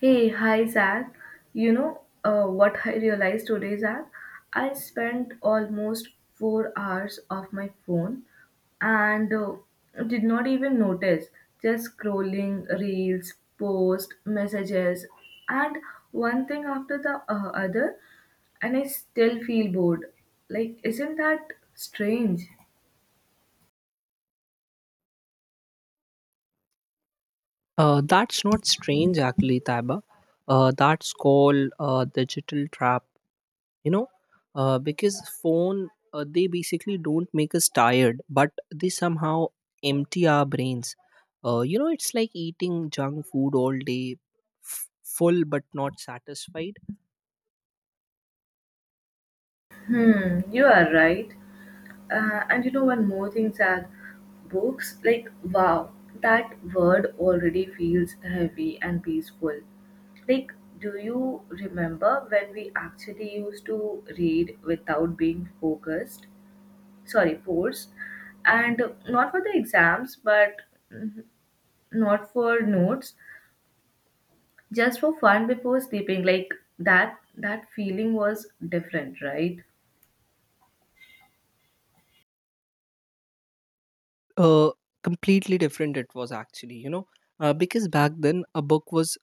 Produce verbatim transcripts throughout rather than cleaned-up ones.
Hey, hi Zach. You know uh, what I realized today, Zach? I spent almost four hours off my phone and uh, did not even notice. Just scrolling reels, posts, messages, and one thing after the uh, other, and I still feel bored. Like, isn't that strange? Uh, that's not strange, actually, Taiba. Uh, that's called uh, digital trap. You know, uh, because phone uh, they basically don't make us tired, but they somehow empty our brains. Uh, you know, it's like eating junk food all day, f- full but not satisfied. Hmm, you are right. Uh, and you know one more thing, Zach, books like wow, that word already feels heavy and peaceful. Like, do you remember when we actually used to read without being focused? Sorry, forced, and not for the exams, but not for notes, just for fun before sleeping. Like that, that feeling was different, right? Uh, Completely different it was actually. You know, uh, because back then a book was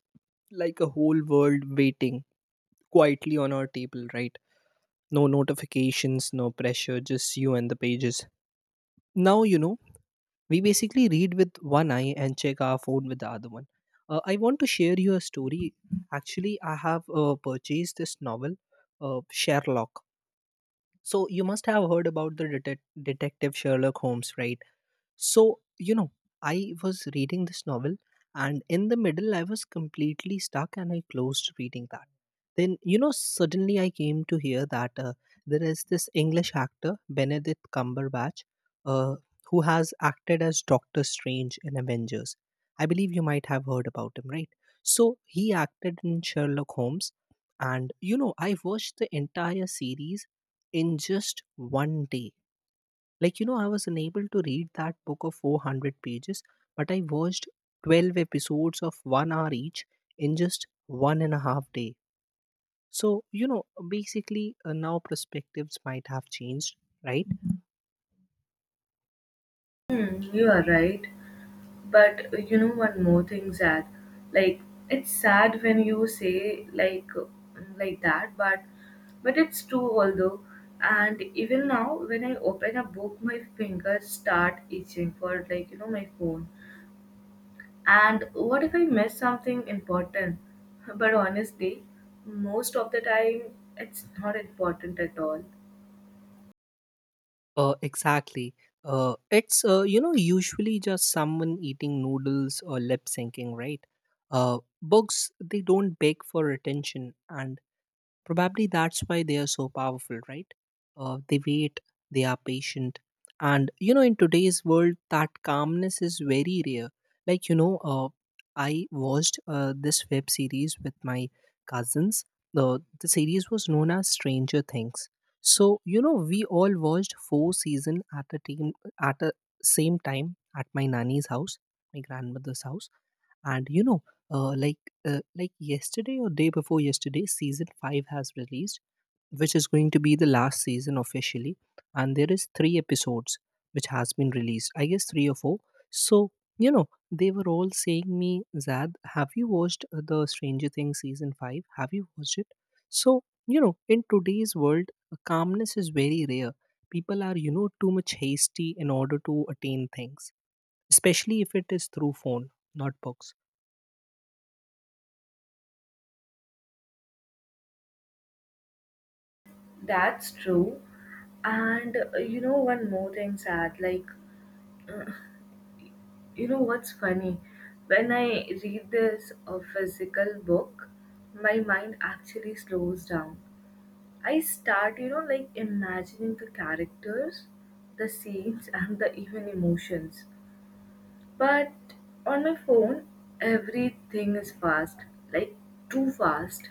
like a whole world waiting quietly on our table, right? No notifications, no pressure, just you and the pages. Now, you know, we basically read with one eye and check our phone with the other one. Uh, I want to share you a story. Actually, I have uh, purchased this novel, uh, Sherlock. So, you must have heard about the detec- detective Sherlock Holmes, right? So, you know, I was reading this novel and in the middle I was completely stuck and I closed reading that. Then, you know, suddenly I came to hear that uh, there is this English actor, Benedict Cumberbatch, uh, who has acted as Doctor Strange in Avengers. I believe you might have heard about him, right? So, he acted in Sherlock Holmes. And, you know, I watched the entire series in just one day like, you know, I was unable to read that book of four hundred pages, but I watched twelve episodes of one hour each in just one and a half day. So, you know, basically, uh, now perspectives might have changed, right? Hmm, you are right. But uh, you know one more thing, Zach. Like it's sad when you say like uh, like that, but but it's true although. And even now, when I open a book, my fingers start itching for like you know my phone. And what if I miss something important? But honestly, most of the time it's not important at all. Uh, exactly. Uh, it's, uh, you know, usually just someone eating noodles or lip syncing, right? Uh, books, they don't beg for attention, and probably that's why they are so powerful, right? Uh, they wait, they are patient. And, you know, in today's world, that calmness is very rare. Like, you know, uh, I watched uh, this web series with my cousins. The, the series was known as Stranger Things. So, you know, we all watched four season at a team at a same time at my nanny's house, my grandmother's house, and you know, uh, like uh, like yesterday or day before yesterday season five has released, which is going to be the last season officially, and there is three episodes which has been released, I guess three or four. So, you know, they were all saying me, Zad, have you watched uh, the Stranger Things season five, have you watched it? So, you know, in today's world, uh, calmness is very rare. People are, you know, too much hasty in order to attain things, especially if it is through phone, not books. That's true. And uh, you know, one more thing, sad. Like you know what's funny? When I read this uh, physical book, my mind actually slows down. I start, you know, like imagining the characters, the scenes, and the even emotions. But on my phone, everything is fast, like too fast.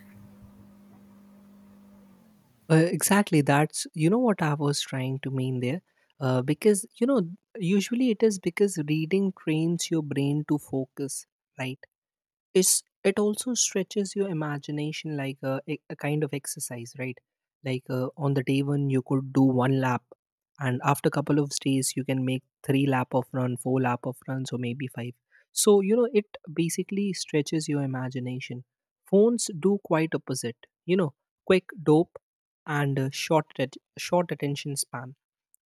Uh, exactly. That's, you know, what I was trying to mean there, uh, because, you know, usually it is because reading trains your brain to focus, right? It's it also stretches your imagination, like a, a a kind of exercise, right? Like uh, on the day when you could do one lap, and after a couple of days you can make three lap of run, four lap of runs, or maybe five. So, you know, it basically stretches your imagination. Phones do quite opposite, you know, quick dope and uh, short at, short attention span.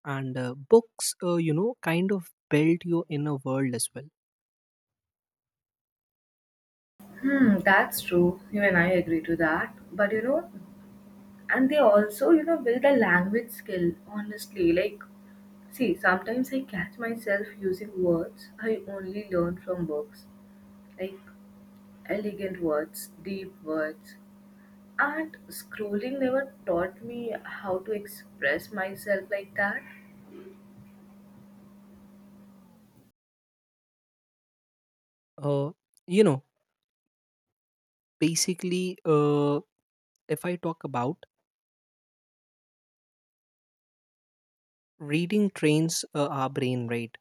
And uh, books, uh, you know kind of build your inner world as well. Hmm, that's true. You and I agree to that. But you know, and they also you know build a language skill honestly, like see sometimes I catch myself using words I only learn from books, like elegant words, deep words, and scrolling never taught me how to express myself like that. Uh, you know basically uh, If I talk about reading trains uh, our brain, right?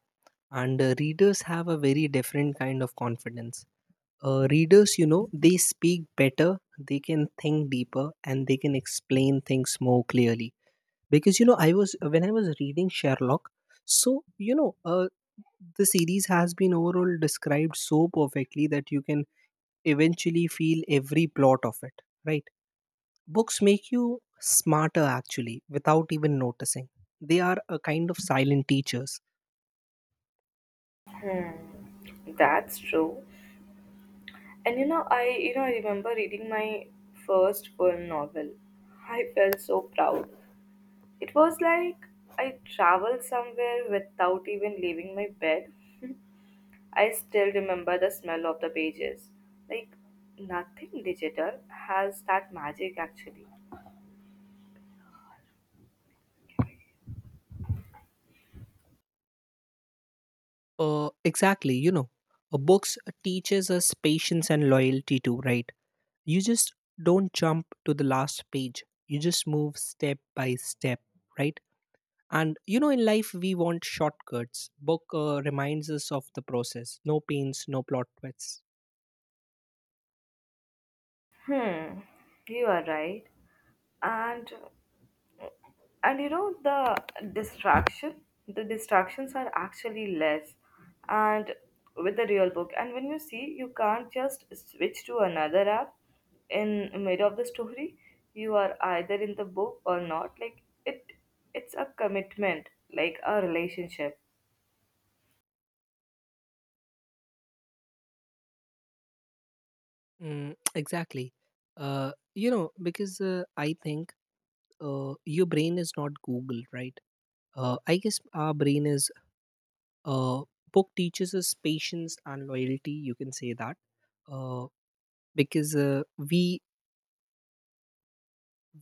And uh, readers have a very different kind of confidence. Uh, readers, you know, they speak better, they can think deeper, and they can explain things more clearly. Because, you know, I was when I was reading Sherlock, so, you know, uh, the series has been overall described so perfectly that you can eventually feel every plot of it, right? Books make you smarter actually without even noticing. They are a kind of silent teachers. That's true. And you know, I you know I remember reading my first full novel. I felt so proud. It was like I traveled somewhere without even leaving my bed. I still remember the smell of the pages. Like, nothing digital has that magic actually. Uh, exactly, you know, uh, books teaches us patience and loyalty too, right? You just don't jump to the last page. You just move step by step, right? And you know, in life we want shortcuts. Book uh, reminds us of the process. No pains, no plot twists. Hmm, you are right. And and you know the distraction the distractions are actually less, and with the real book, and when you see you can't just switch to another app in mid of the story, you are either in the book or not. Like it, it's a commitment, like a relationship. Mm, exactly. Uh, you know, because uh, I think uh, your brain is not Google, right? Uh, I guess our brain is uh, book teaches us patience and loyalty. You can say that uh, because uh, we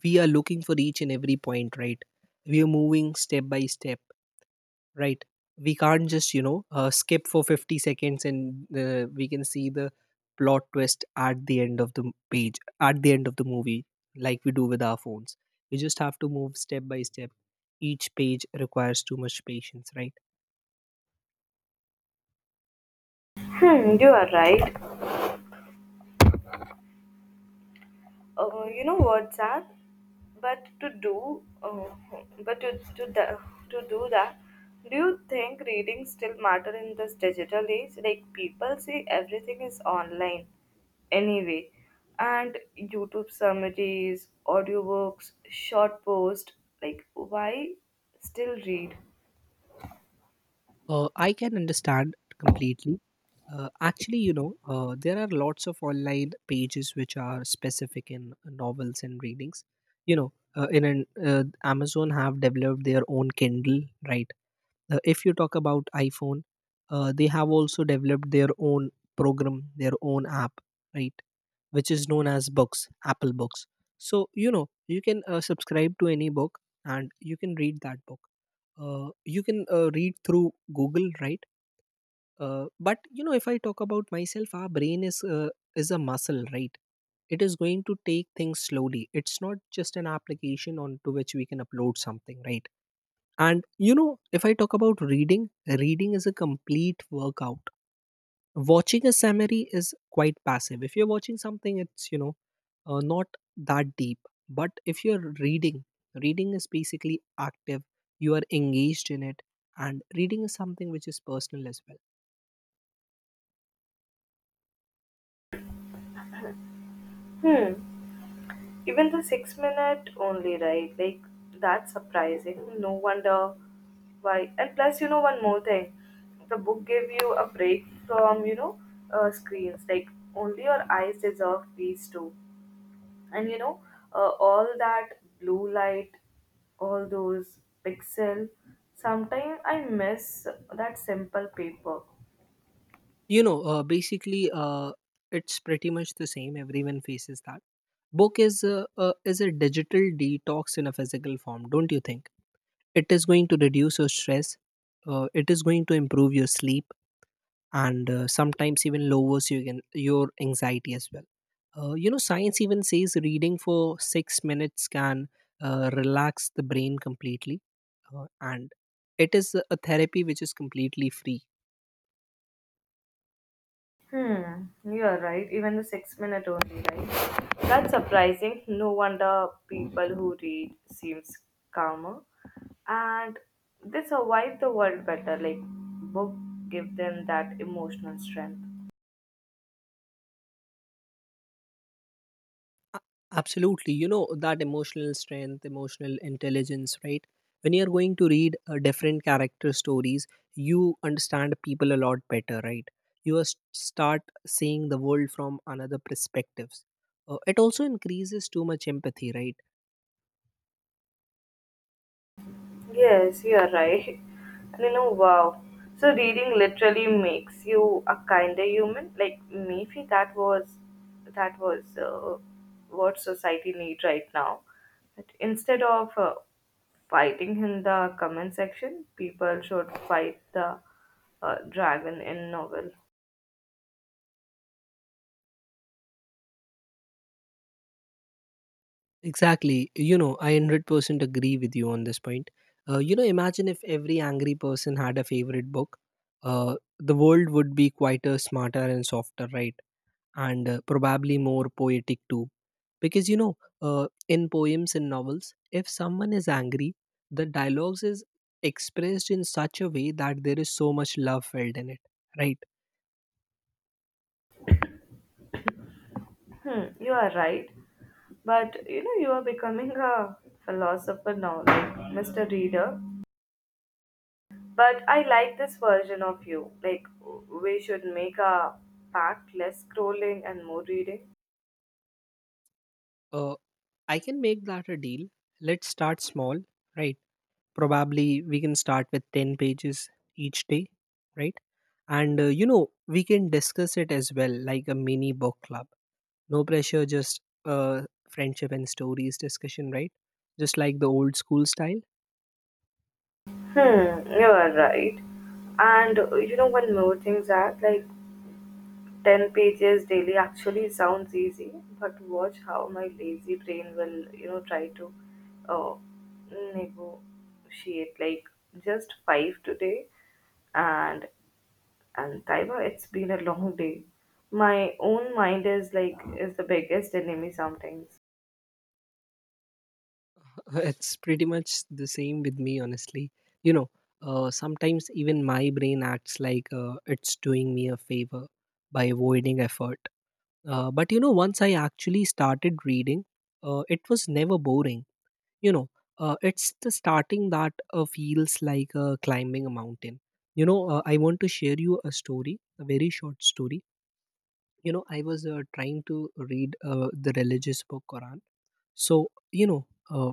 we are looking for each and every point, right? We are moving step by step, right? We can't just, you know, uh, skip for fifty seconds, and uh, we can see the plot twist at the end of the m- page, at the end of the movie, like we do with our phones. We just have to move step by step. Each page requires too much patience, right? Hmm, you are right. Uh, you know what's that, but to do uh, but to, to, the, to do that, do you think reading still matter in this digital age? Like people say everything is online anyway, and YouTube summaries, audiobooks, short post like why still read? Uh, I can understand completely. Uh, actually, you know, uh, there are lots of online pages which are specific in novels and readings. You know, uh, in an uh, Amazon have developed their own Kindle, right? Uh, if you talk about iPhone, uh, they have also developed their own program, their own app, right? Which is known as Books, Apple Books. So you know, you can uh, subscribe to any book and you can read that book. Uh, you can uh, read through Google, right? Uh, but you know, if I talk about myself, our brain is uh, is a muscle, right? It is going to take things slowly. It's not just an application onto which we can upload something, right? And you know, if I talk about reading, reading is a complete workout. Watching a summary is quite passive. If you're watching something, it's, you know, uh, not that deep. But if you're reading, reading is basically active. You are engaged in it. And reading is something which is personal as well. Hmm. Even the six minute only, right? Like that's surprising. No wonder why. And plus, you know, one more thing, the book gave you a break from you know uh, screens. Like only your eyes deserve peace too. And you know, uh, all that blue light, all those pixel. Sometimes I miss that simple paper. You know uh, basically uh, It's pretty much the same, everyone faces that. Book is a, a, is a digital detox in a physical form, don't you think? It is going to reduce your stress, uh, it is going to improve your sleep, and uh, sometimes even lowers you can, your anxiety as well. Uh, you know, science even says reading for six minutes can uh, relax the brain completely. Uh, and it is a a therapy which is completely free. Hmm, you're right. Even the six minute only, right? That's surprising. No wonder people who read seems calmer. And they survive the world better. Like book give them that emotional strength. A- Absolutely, you know, that emotional strength, emotional intelligence, right? When you're going to read uh, different character stories, you understand people a lot better, right? You are s- start seeing the world from another perspectives. Uh, it also increases too much empathy, right? Yes, you're right. And you know, wow. So reading literally makes you a kinder human. Like maybe that was that was uh, what society needs right now. That instead of uh, fighting in the comment section, people should fight the uh, dragon in novel. Exactly, you know, I one hundred percent agree with you on this point. Uh, you know, imagine if every angry person had a favorite book, uh, the world would be quieter, smarter, and softer, right? And uh, probably more poetic too. Because you know, uh, in poems and novels, if someone is angry, the dialogues is expressed in such a way that there is so much love felt in it, right? Hmm, you are right. But you know, you are becoming a philosopher now, like mister Reader. But I like this version of you. Like, we should make a pact, less scrolling and more reading. Uh, I can make that a deal. Let's start small, right? Probably we can start with ten pages each day, right? And uh, you know, we can discuss it as well, like a mini book club. No pressure, just uh, friendship and stories discussion, right? Just like the old school style. Hmm, you are right. And uh, you know, one more thing, Zach, like ten pages daily actually sounds easy, but watch how my lazy brain will, you know, try to uh, negotiate, like just five today. And, and Taiba, it's been a long day. My own mind is like, is the biggest enemy sometimes. It's pretty much the same with me, honestly. You know, uh, Sometimes even my brain acts like uh, it's doing me a favor by avoiding effort. Uh, but you know, once I actually started reading, uh, it was never boring. You know, uh, it's the starting that uh, feels like uh, climbing a mountain. You know, uh, I want to share you a story, a very short story. You know, I was uh, trying to read uh, the religious book Quran. So, you know, uh,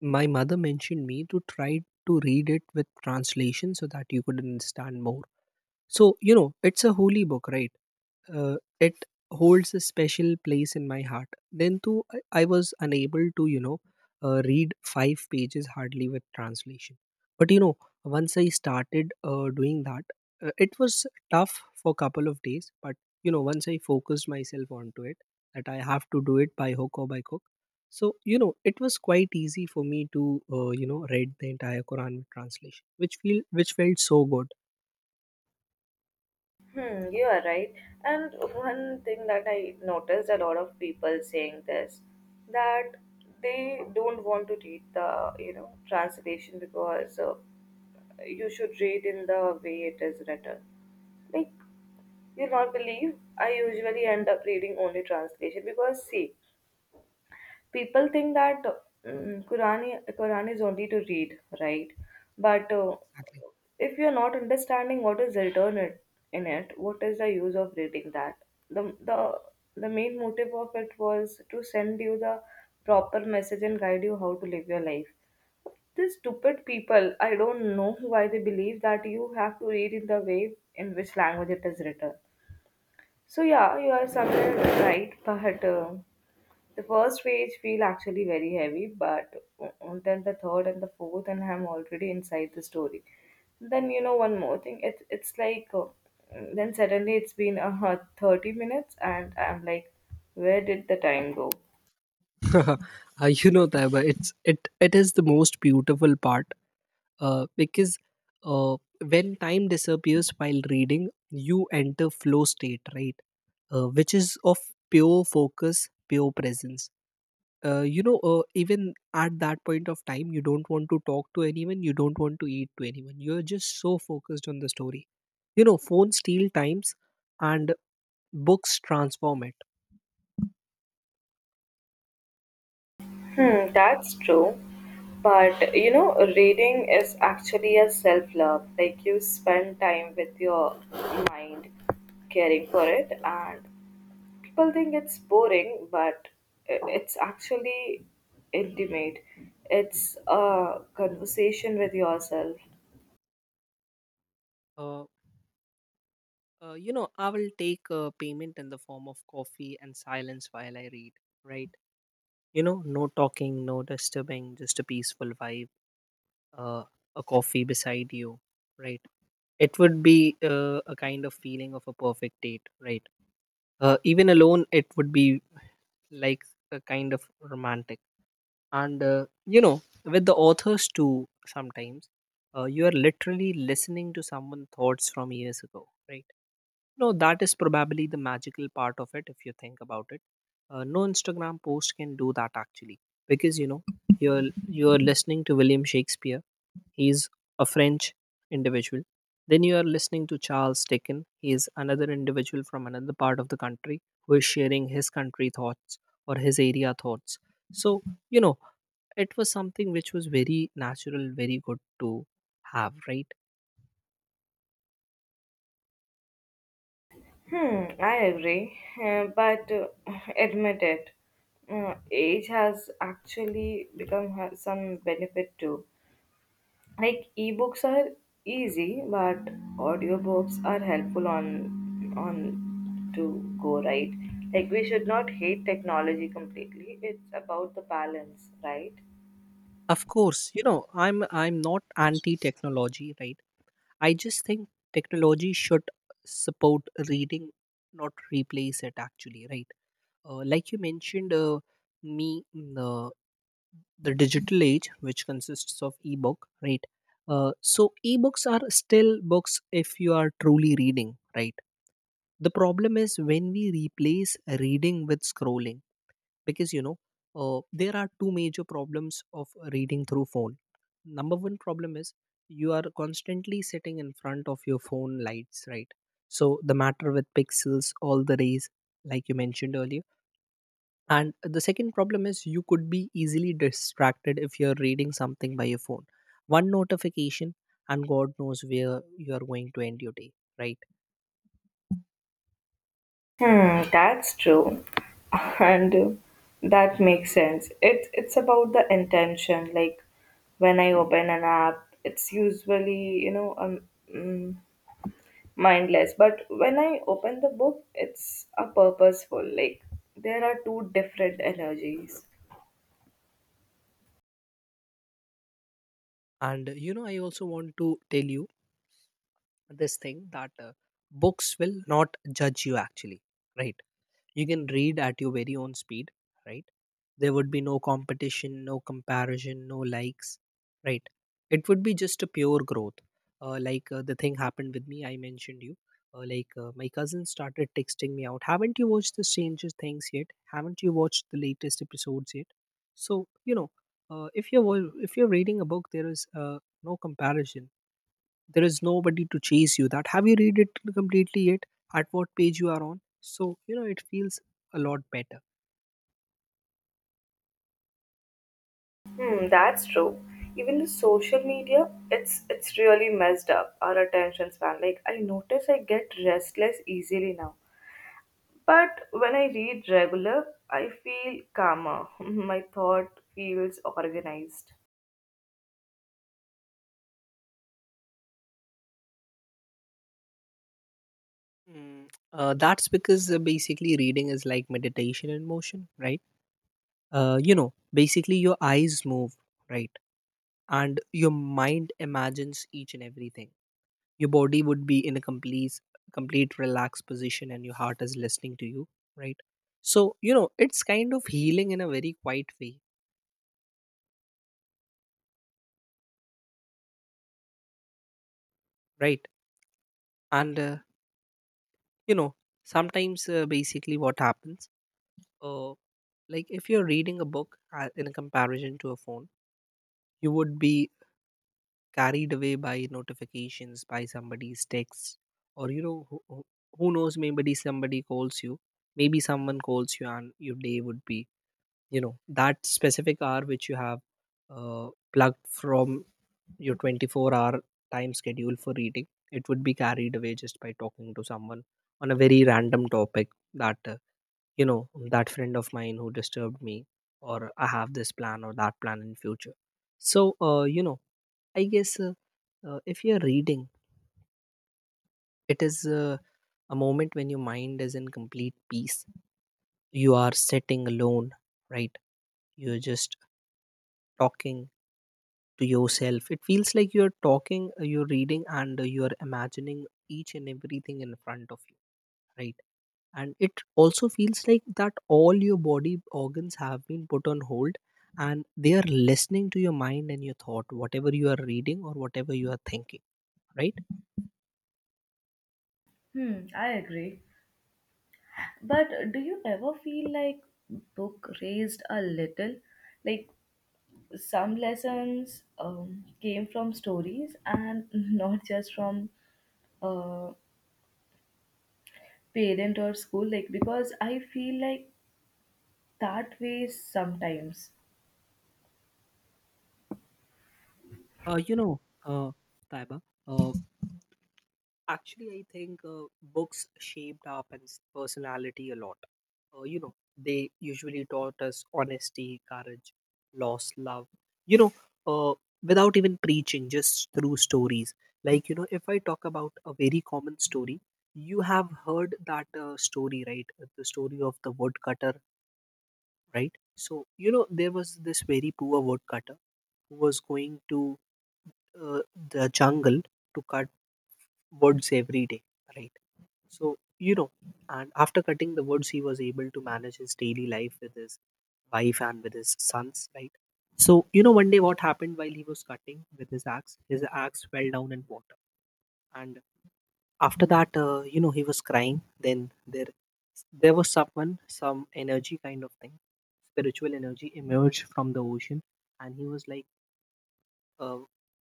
my mother mentioned me to try to read it with translation so that you could understand more. So you know, it's a holy book, right? Uh, it holds a special place in my heart. Then too, I, I was unable to, you know, uh, read five pages hardly with translation. But you know, once I started uh, doing that, uh, it was tough for a couple of days. But you know, once I focused myself onto it, that I have to do it by hook or by crook. So you know, it was quite easy for me to, uh, you know, read the entire Quran with translation, which feel which felt so good. Hmm, you are right. And one thing that I noticed a lot of people saying this, that they don't want to read the you know translation, because uh, you should read in the way it is written. Like you'll not believe, I usually end up reading only translation, because see, people think that mm Quran, i- Quran is only to read, right? But uh, Exactly. if you're not understanding what is written it- in it, what is the use of reading that? The, the, the main motive of it was to send you the proper message and guide you how to live your life. These stupid people, I don't know why they believe that you have to read in the way in which language it is written. So yeah, you are somewhere right, but uh, the first page feel actually very heavy, but o- then the third and the fourth, and I'm already inside the story. Then you know one more thing. It's it's like uh, then suddenly it's been a uh, thirty minutes, and I'm like, where did the time go? uh, you know, Taiba, it's it it is the most beautiful part, uh, because uh, when time disappears while reading you enter flow state, right? Uh, which is of pure focus, pure presence. Uh, you know uh, even at that point of time you don't want to talk to anyone, you don't want to eat to anyone, you're just so focused on the story. You know, phones steal times, and books transform it. Hmm, that's true. But you know, reading is actually a self love. Like you spend time with your mind, caring for it, and people think it's boring, but i- it's actually intimate. It's a conversation with yourself. Uh, Uh, you know, I will take uh, payment in the form of coffee and silence while I read, right? You know, no talking, no disturbing, just a peaceful vibe, uh, a coffee beside you, right? It would be uh, a kind of feeling of a perfect date, right? Uh, even alone, it would be like a kind of romantic. And, uh, you know, with the authors too, sometimes, uh, you are literally listening to someone's thoughts from years ago, right? No, that is probably the magical part of it if you think about it. Uh, no Instagram post can do that actually, because you know you're you're listening to William Shakespeare. He's a French individual. Then you are listening to Charles Dickens. He is another individual from another part of the country who is sharing his country thoughts or his area thoughts. So, you know it was something which was very natural, very good to have, right? Hmm, I agree. Uh, but uh, admit it, uh, age has actually become ha- some benefit too. Like ebooks are easy, but audiobooks are helpful on on to go right. Like we should not hate technology completely. It's about the balance, right? Of course, you know I'm I'm not anti technology, right? I just think technology should support reading, not replace it, actually, right? Uh, like you mentioned, uh, me, mm, the the digital age, which consists of ebook, right? Uh, so, ebooks are still books if you are truly reading, right? The problem is when we replace reading with scrolling, because you know uh, there are two major problems of reading through phone. Number one problem is you are constantly sitting in front of your phone lights, right? So the matter with pixels, all the rays, like you mentioned earlier. And the second problem is you could be easily distracted if you're reading something by your phone. One notification and god knows where you are going to end your day, right? Hmm, that's true. And that makes sense. It it's about the intention. Like when I open an app, it's usually, you know, um, mm, mindless. But when I open the book, it's a purposeful. Like there are two different energies. And you know I also want to tell you this thing that uh, books will not judge you actually, right? You can read at your very own speed, right? There would be no competition, no comparison, no likes, right? It would be just a pure growth. Uh, like uh, the thing happened with me, I mentioned you. Uh, like uh, my cousin started texting me out, haven't you watched the Stranger Things yet, haven't you watched the latest episodes yet? So you know uh, if you're wa- if you're reading a book, there is uh, no comparison. There is nobody to chase you that have you read it completely yet, at what page you are on. So you know it feels a lot better. Hmm, that's true. Even the social media, it's it's really messed up our attention span. Like I notice I get restless easily now. But when I read regular, I feel calmer. My thought feels organized. Mm, uh, that's because uh, basically reading is like meditation in motion, right? uh, you know basically your eyes move, right? And your mind imagines each and everything. Your body would be in a complete complete relaxed position, and your heart is listening to you, right? So you know it's kind of healing in a very quiet way, right? and uh, you know sometimes uh, basically what happens, uh, like if you're reading a book uh, in a comparison to a phone, you would be carried away by notifications, by somebody's text, or you know who, who who knows, maybe somebody calls you, maybe someone calls you, and your day would be, you know, that specific hour which you have uh, plugged from your twenty-four hour time schedule for reading, it would be carried away just by talking to someone on a very random topic that, uh, you know that friend of mine who disturbed me, or I have this plan or that plan in future. So uh, you know I guess, uh, uh, if you're reading, it is uh, a moment when your mind is in complete peace, you are sitting alone, right? You're just talking to yourself. It feels like you're talking, uh, you're reading, and uh, you're imagining each and everything in front of you, right? And it also feels like that all your body organs have been put on hold, and they are listening to your mind and your thought, whatever you are reading or whatever you are thinking, right? Hmm, I agree. But do you ever feel like book raised a little? Like some lessons um, came from stories and not just from uh, parent or school. Like because I feel like that way sometimes. uh, you know uh, Taiba, uh, actually, I think uh, books shaped our pens- personality a lot. Uh, you know, they usually taught us honesty, courage, loss, love. You know, uh, Without even preaching, just through stories. Like, you know, if I talk about a very common story, you have heard that uh, story, right? The story of the woodcutter, right? So, you know, there was this very poor woodcutter who was going to uh, the jungle to cut woods every day, right? So, you know, and after cutting the woods, he was able to manage his daily life with his wife and with his sons, right? So, you know, one day what happened while he was cutting with his axe, his axe fell down in water. And after that, uh, you know, he was crying. Then there, there was someone, some energy kind of thing, spiritual energy emerged from the ocean. And he was like, uh,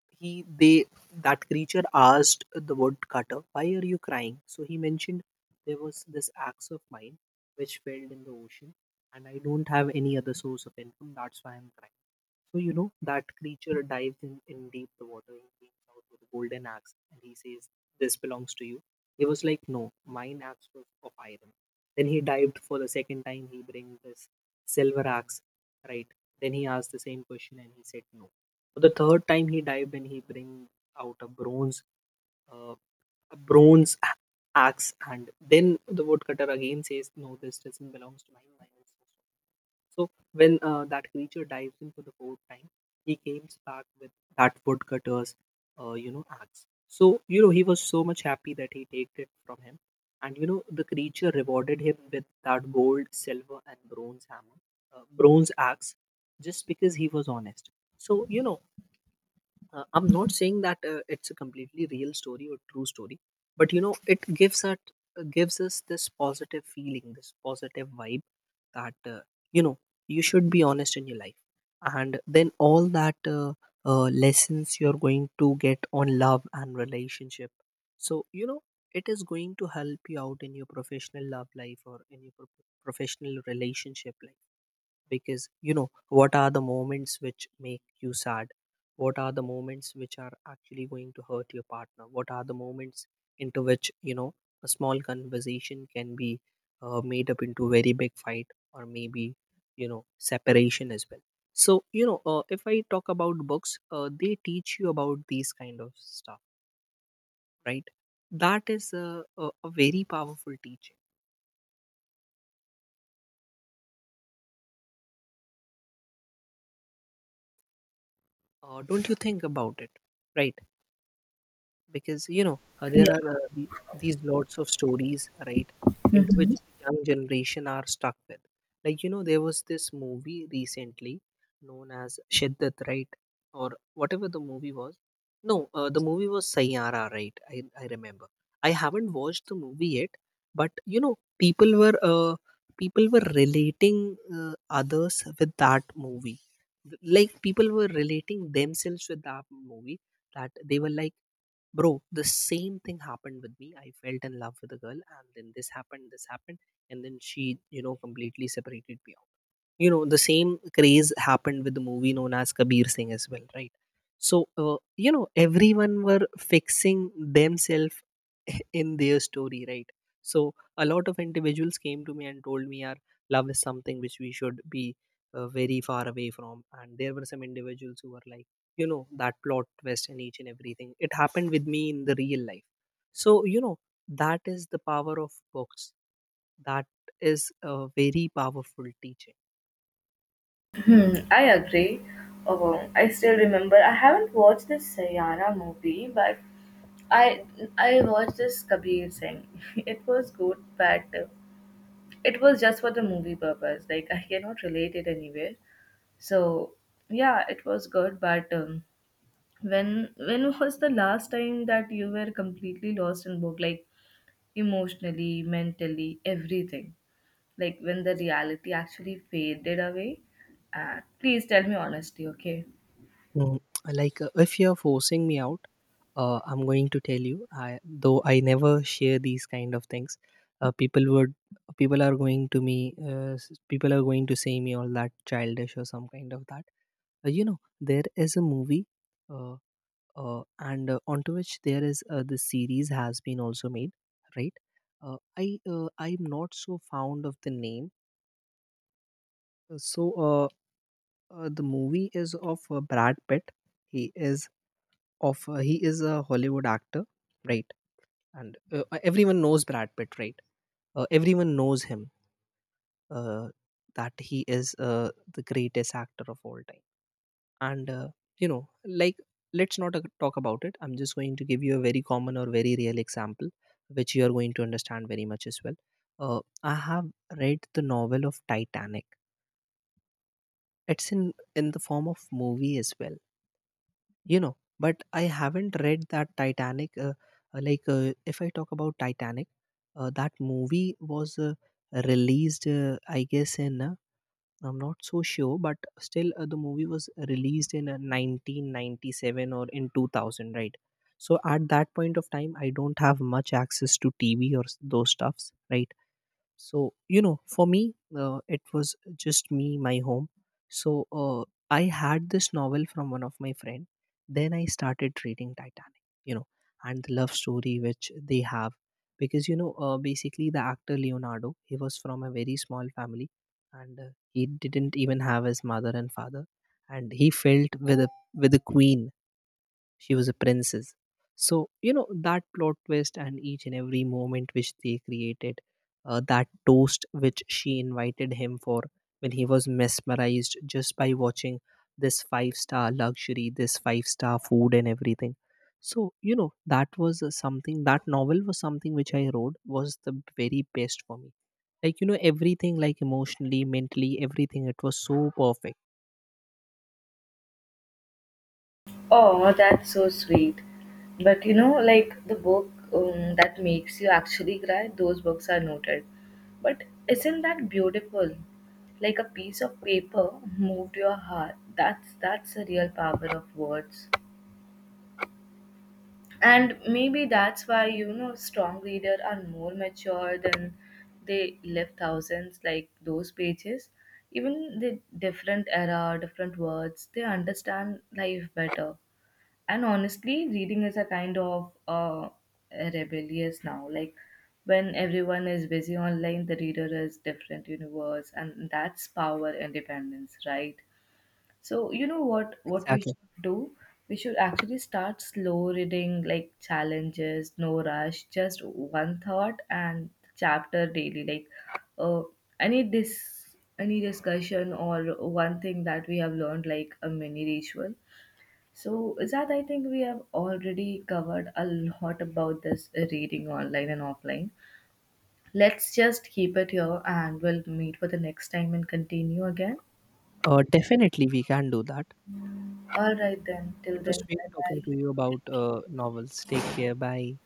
he they that creature asked the woodcutter, why are you crying? So he mentioned, there was this axe of mine which fell in the ocean, and I don't have any other source of income, that's why I'm crying. So you know, that creature dives in, in deep the water. He brings out with a golden axe and he says, this belongs to you. He was like, no, mine axe was of iron. Then he dived for the second time, he brings this silver axe, right? Then he asked the same question and he said no. The third time he dived in, he brings out a bronze, uh, a bronze a- axe, and then the woodcutter again says, "No, this doesn't belongs to my my ancestor." So when uh, that creature dives in for the fourth time, he comes back with that woodcutter's, uh, you know, axe. So you know he was so much happy that he taked it from him, and you know the creature rewarded him with that gold, silver, and bronze hammer, uh, bronze axe, just because he was honest. So you know uh, I'm not saying that uh, it's a completely real story or true story, but you know it gives us, gives us this positive feeling, this positive vibe, that, uh, you know you should be honest in your life, and then all that uh, uh, lessons you're going to get on love and relationship. So you know it is going to help you out in your professional love life, or in your pro- professional relationship life, because you know what are the moments which make you sad, what are the moments which are actually going to hurt your partner, what are the moments into which, you know, a small conversation can be uh, made up into very big fight, or maybe, you know, separation as well. So you know, uh, if I talk about books, uh, they teach you about these kind of stuff, right? That is a, a, a very powerful teaching, uh, don't you think about it? Right? Because you know, uh, there Yeah. are uh, the, these lots of stories, right, into Mhm. which young generation are stuck with. Like you know, there was this movie recently known as Shiddat, right? Or whatever the movie was. No, uh, the movie was Sayara, right? I, I remember I haven't watched the movie yet, but you know people were uh, people were relating uh, others with that movie. Like people were relating themselves with that movie, that they were like, bro, the same thing happened with me. I felt in love with a girl, and then this happened, this happened, and then she, you know, completely separated me. You know, the same craze happened with the movie known as Kabir Singh as well, right? So, uh, you know everyone were fixing themselves in their story, right? So a lot of individuals came to me and told me our love is something which we should be uh, very far away from, and there were some individuals who were like, you know, that plot twist and each and everything, it happened with me in the real life. So you know that is the power of books. That is a very powerful teacher. Hmm, I agree. Oh, I still remember. I haven't watched this Sayana movie, but I I watched this Kabir Singh. It was good, but uh, it was just for the movie purpose. Like I cannot relate it anywhere. So yeah, it was good, but um, when when was the last time that you were completely lost in book, like emotionally, mentally, everything? Like when the reality actually faded away? Uh, please tell me honestly, okay? Mm, like uh, if you're forcing me out, uh, I'm going to tell you I though I never share these kind of things. uh, people would People are going to me uh, s- people are going to say me all that childish or some kind of that. Uh, you know, there is a movie, uh, uh, and uh, onto which there is uh, the series has been also made, right? uh, i uh, I'm not so fond of the name. Uh, so uh, uh, the movie is of uh, Brad Pitt. He is of uh, he is a Hollywood actor, right? And uh, uh, everyone knows Brad Pitt, right? Uh, everyone knows him. Uh, that he is uh, the greatest actor of all time. And uh, you know, like let's not uh, talk about it. I'm just going to give you a very common or very real example, which you are going to understand very much as well. Uh, I have read the novel of Titanic. It's in in the form of movie as well, you know, but I haven't read that Titanic. Uh, uh, like uh, if I talk about Titanic, uh, that movie was uh, released uh, I guess in, uh, I'm not so sure, but still uh, the movie was released in uh, nineteen ninety-seven or in two thousand, right? So at that point of time I don't have much access to T V or s- those stuffs, right? So you know for me, uh, it was just me, my home. So uh, I had this novel from one of my friend, then I started reading Titanic, you know, and the love story which they have. Because you know, uh, basically the actor Leonardo, he was from a very small family, and uh, he didn't even have his mother and father, and he felt with a, with the queen, she was a princess. So you know that plot twist and each and every moment which they created, uh, that toast which she invited him for, when he was mesmerized just by watching this five star luxury, this five star food and everything. So you know that was uh, something, that novel was something which I wrote was the very best for me. Like you know everything, like emotionally, mentally, everything, it was so perfect. Oh, that's so sweet. But you know, like the book um, that makes you actually cry, those books are noted. But isn't that beautiful? Like a piece of paper moved your heart. That's that's the real power of words. And maybe that's why you know strong readers are more mature than they live thousands like those pages. Even the different era, different words, they understand life better, and honestly reading is a kind of uh, rebellious now. Like when everyone is busy online, the reader is different universe, and that's power independence, right? So you know what what we Exactly. should do, we should actually start slow reading, like challenges, no rush, just one thought and chapter daily, like uh, I need this any discussion or one thing that we have learned, like a mini ritual. So, Zad, I think we have already covered a lot about this uh, reading online and offline. Let's just keep it here and we'll meet for the next time and continue again. Uh, definitely we can do that. All right, then. Till It then, was great bye talking bye. to you about Thank you. uh, novels. Take care. Bye.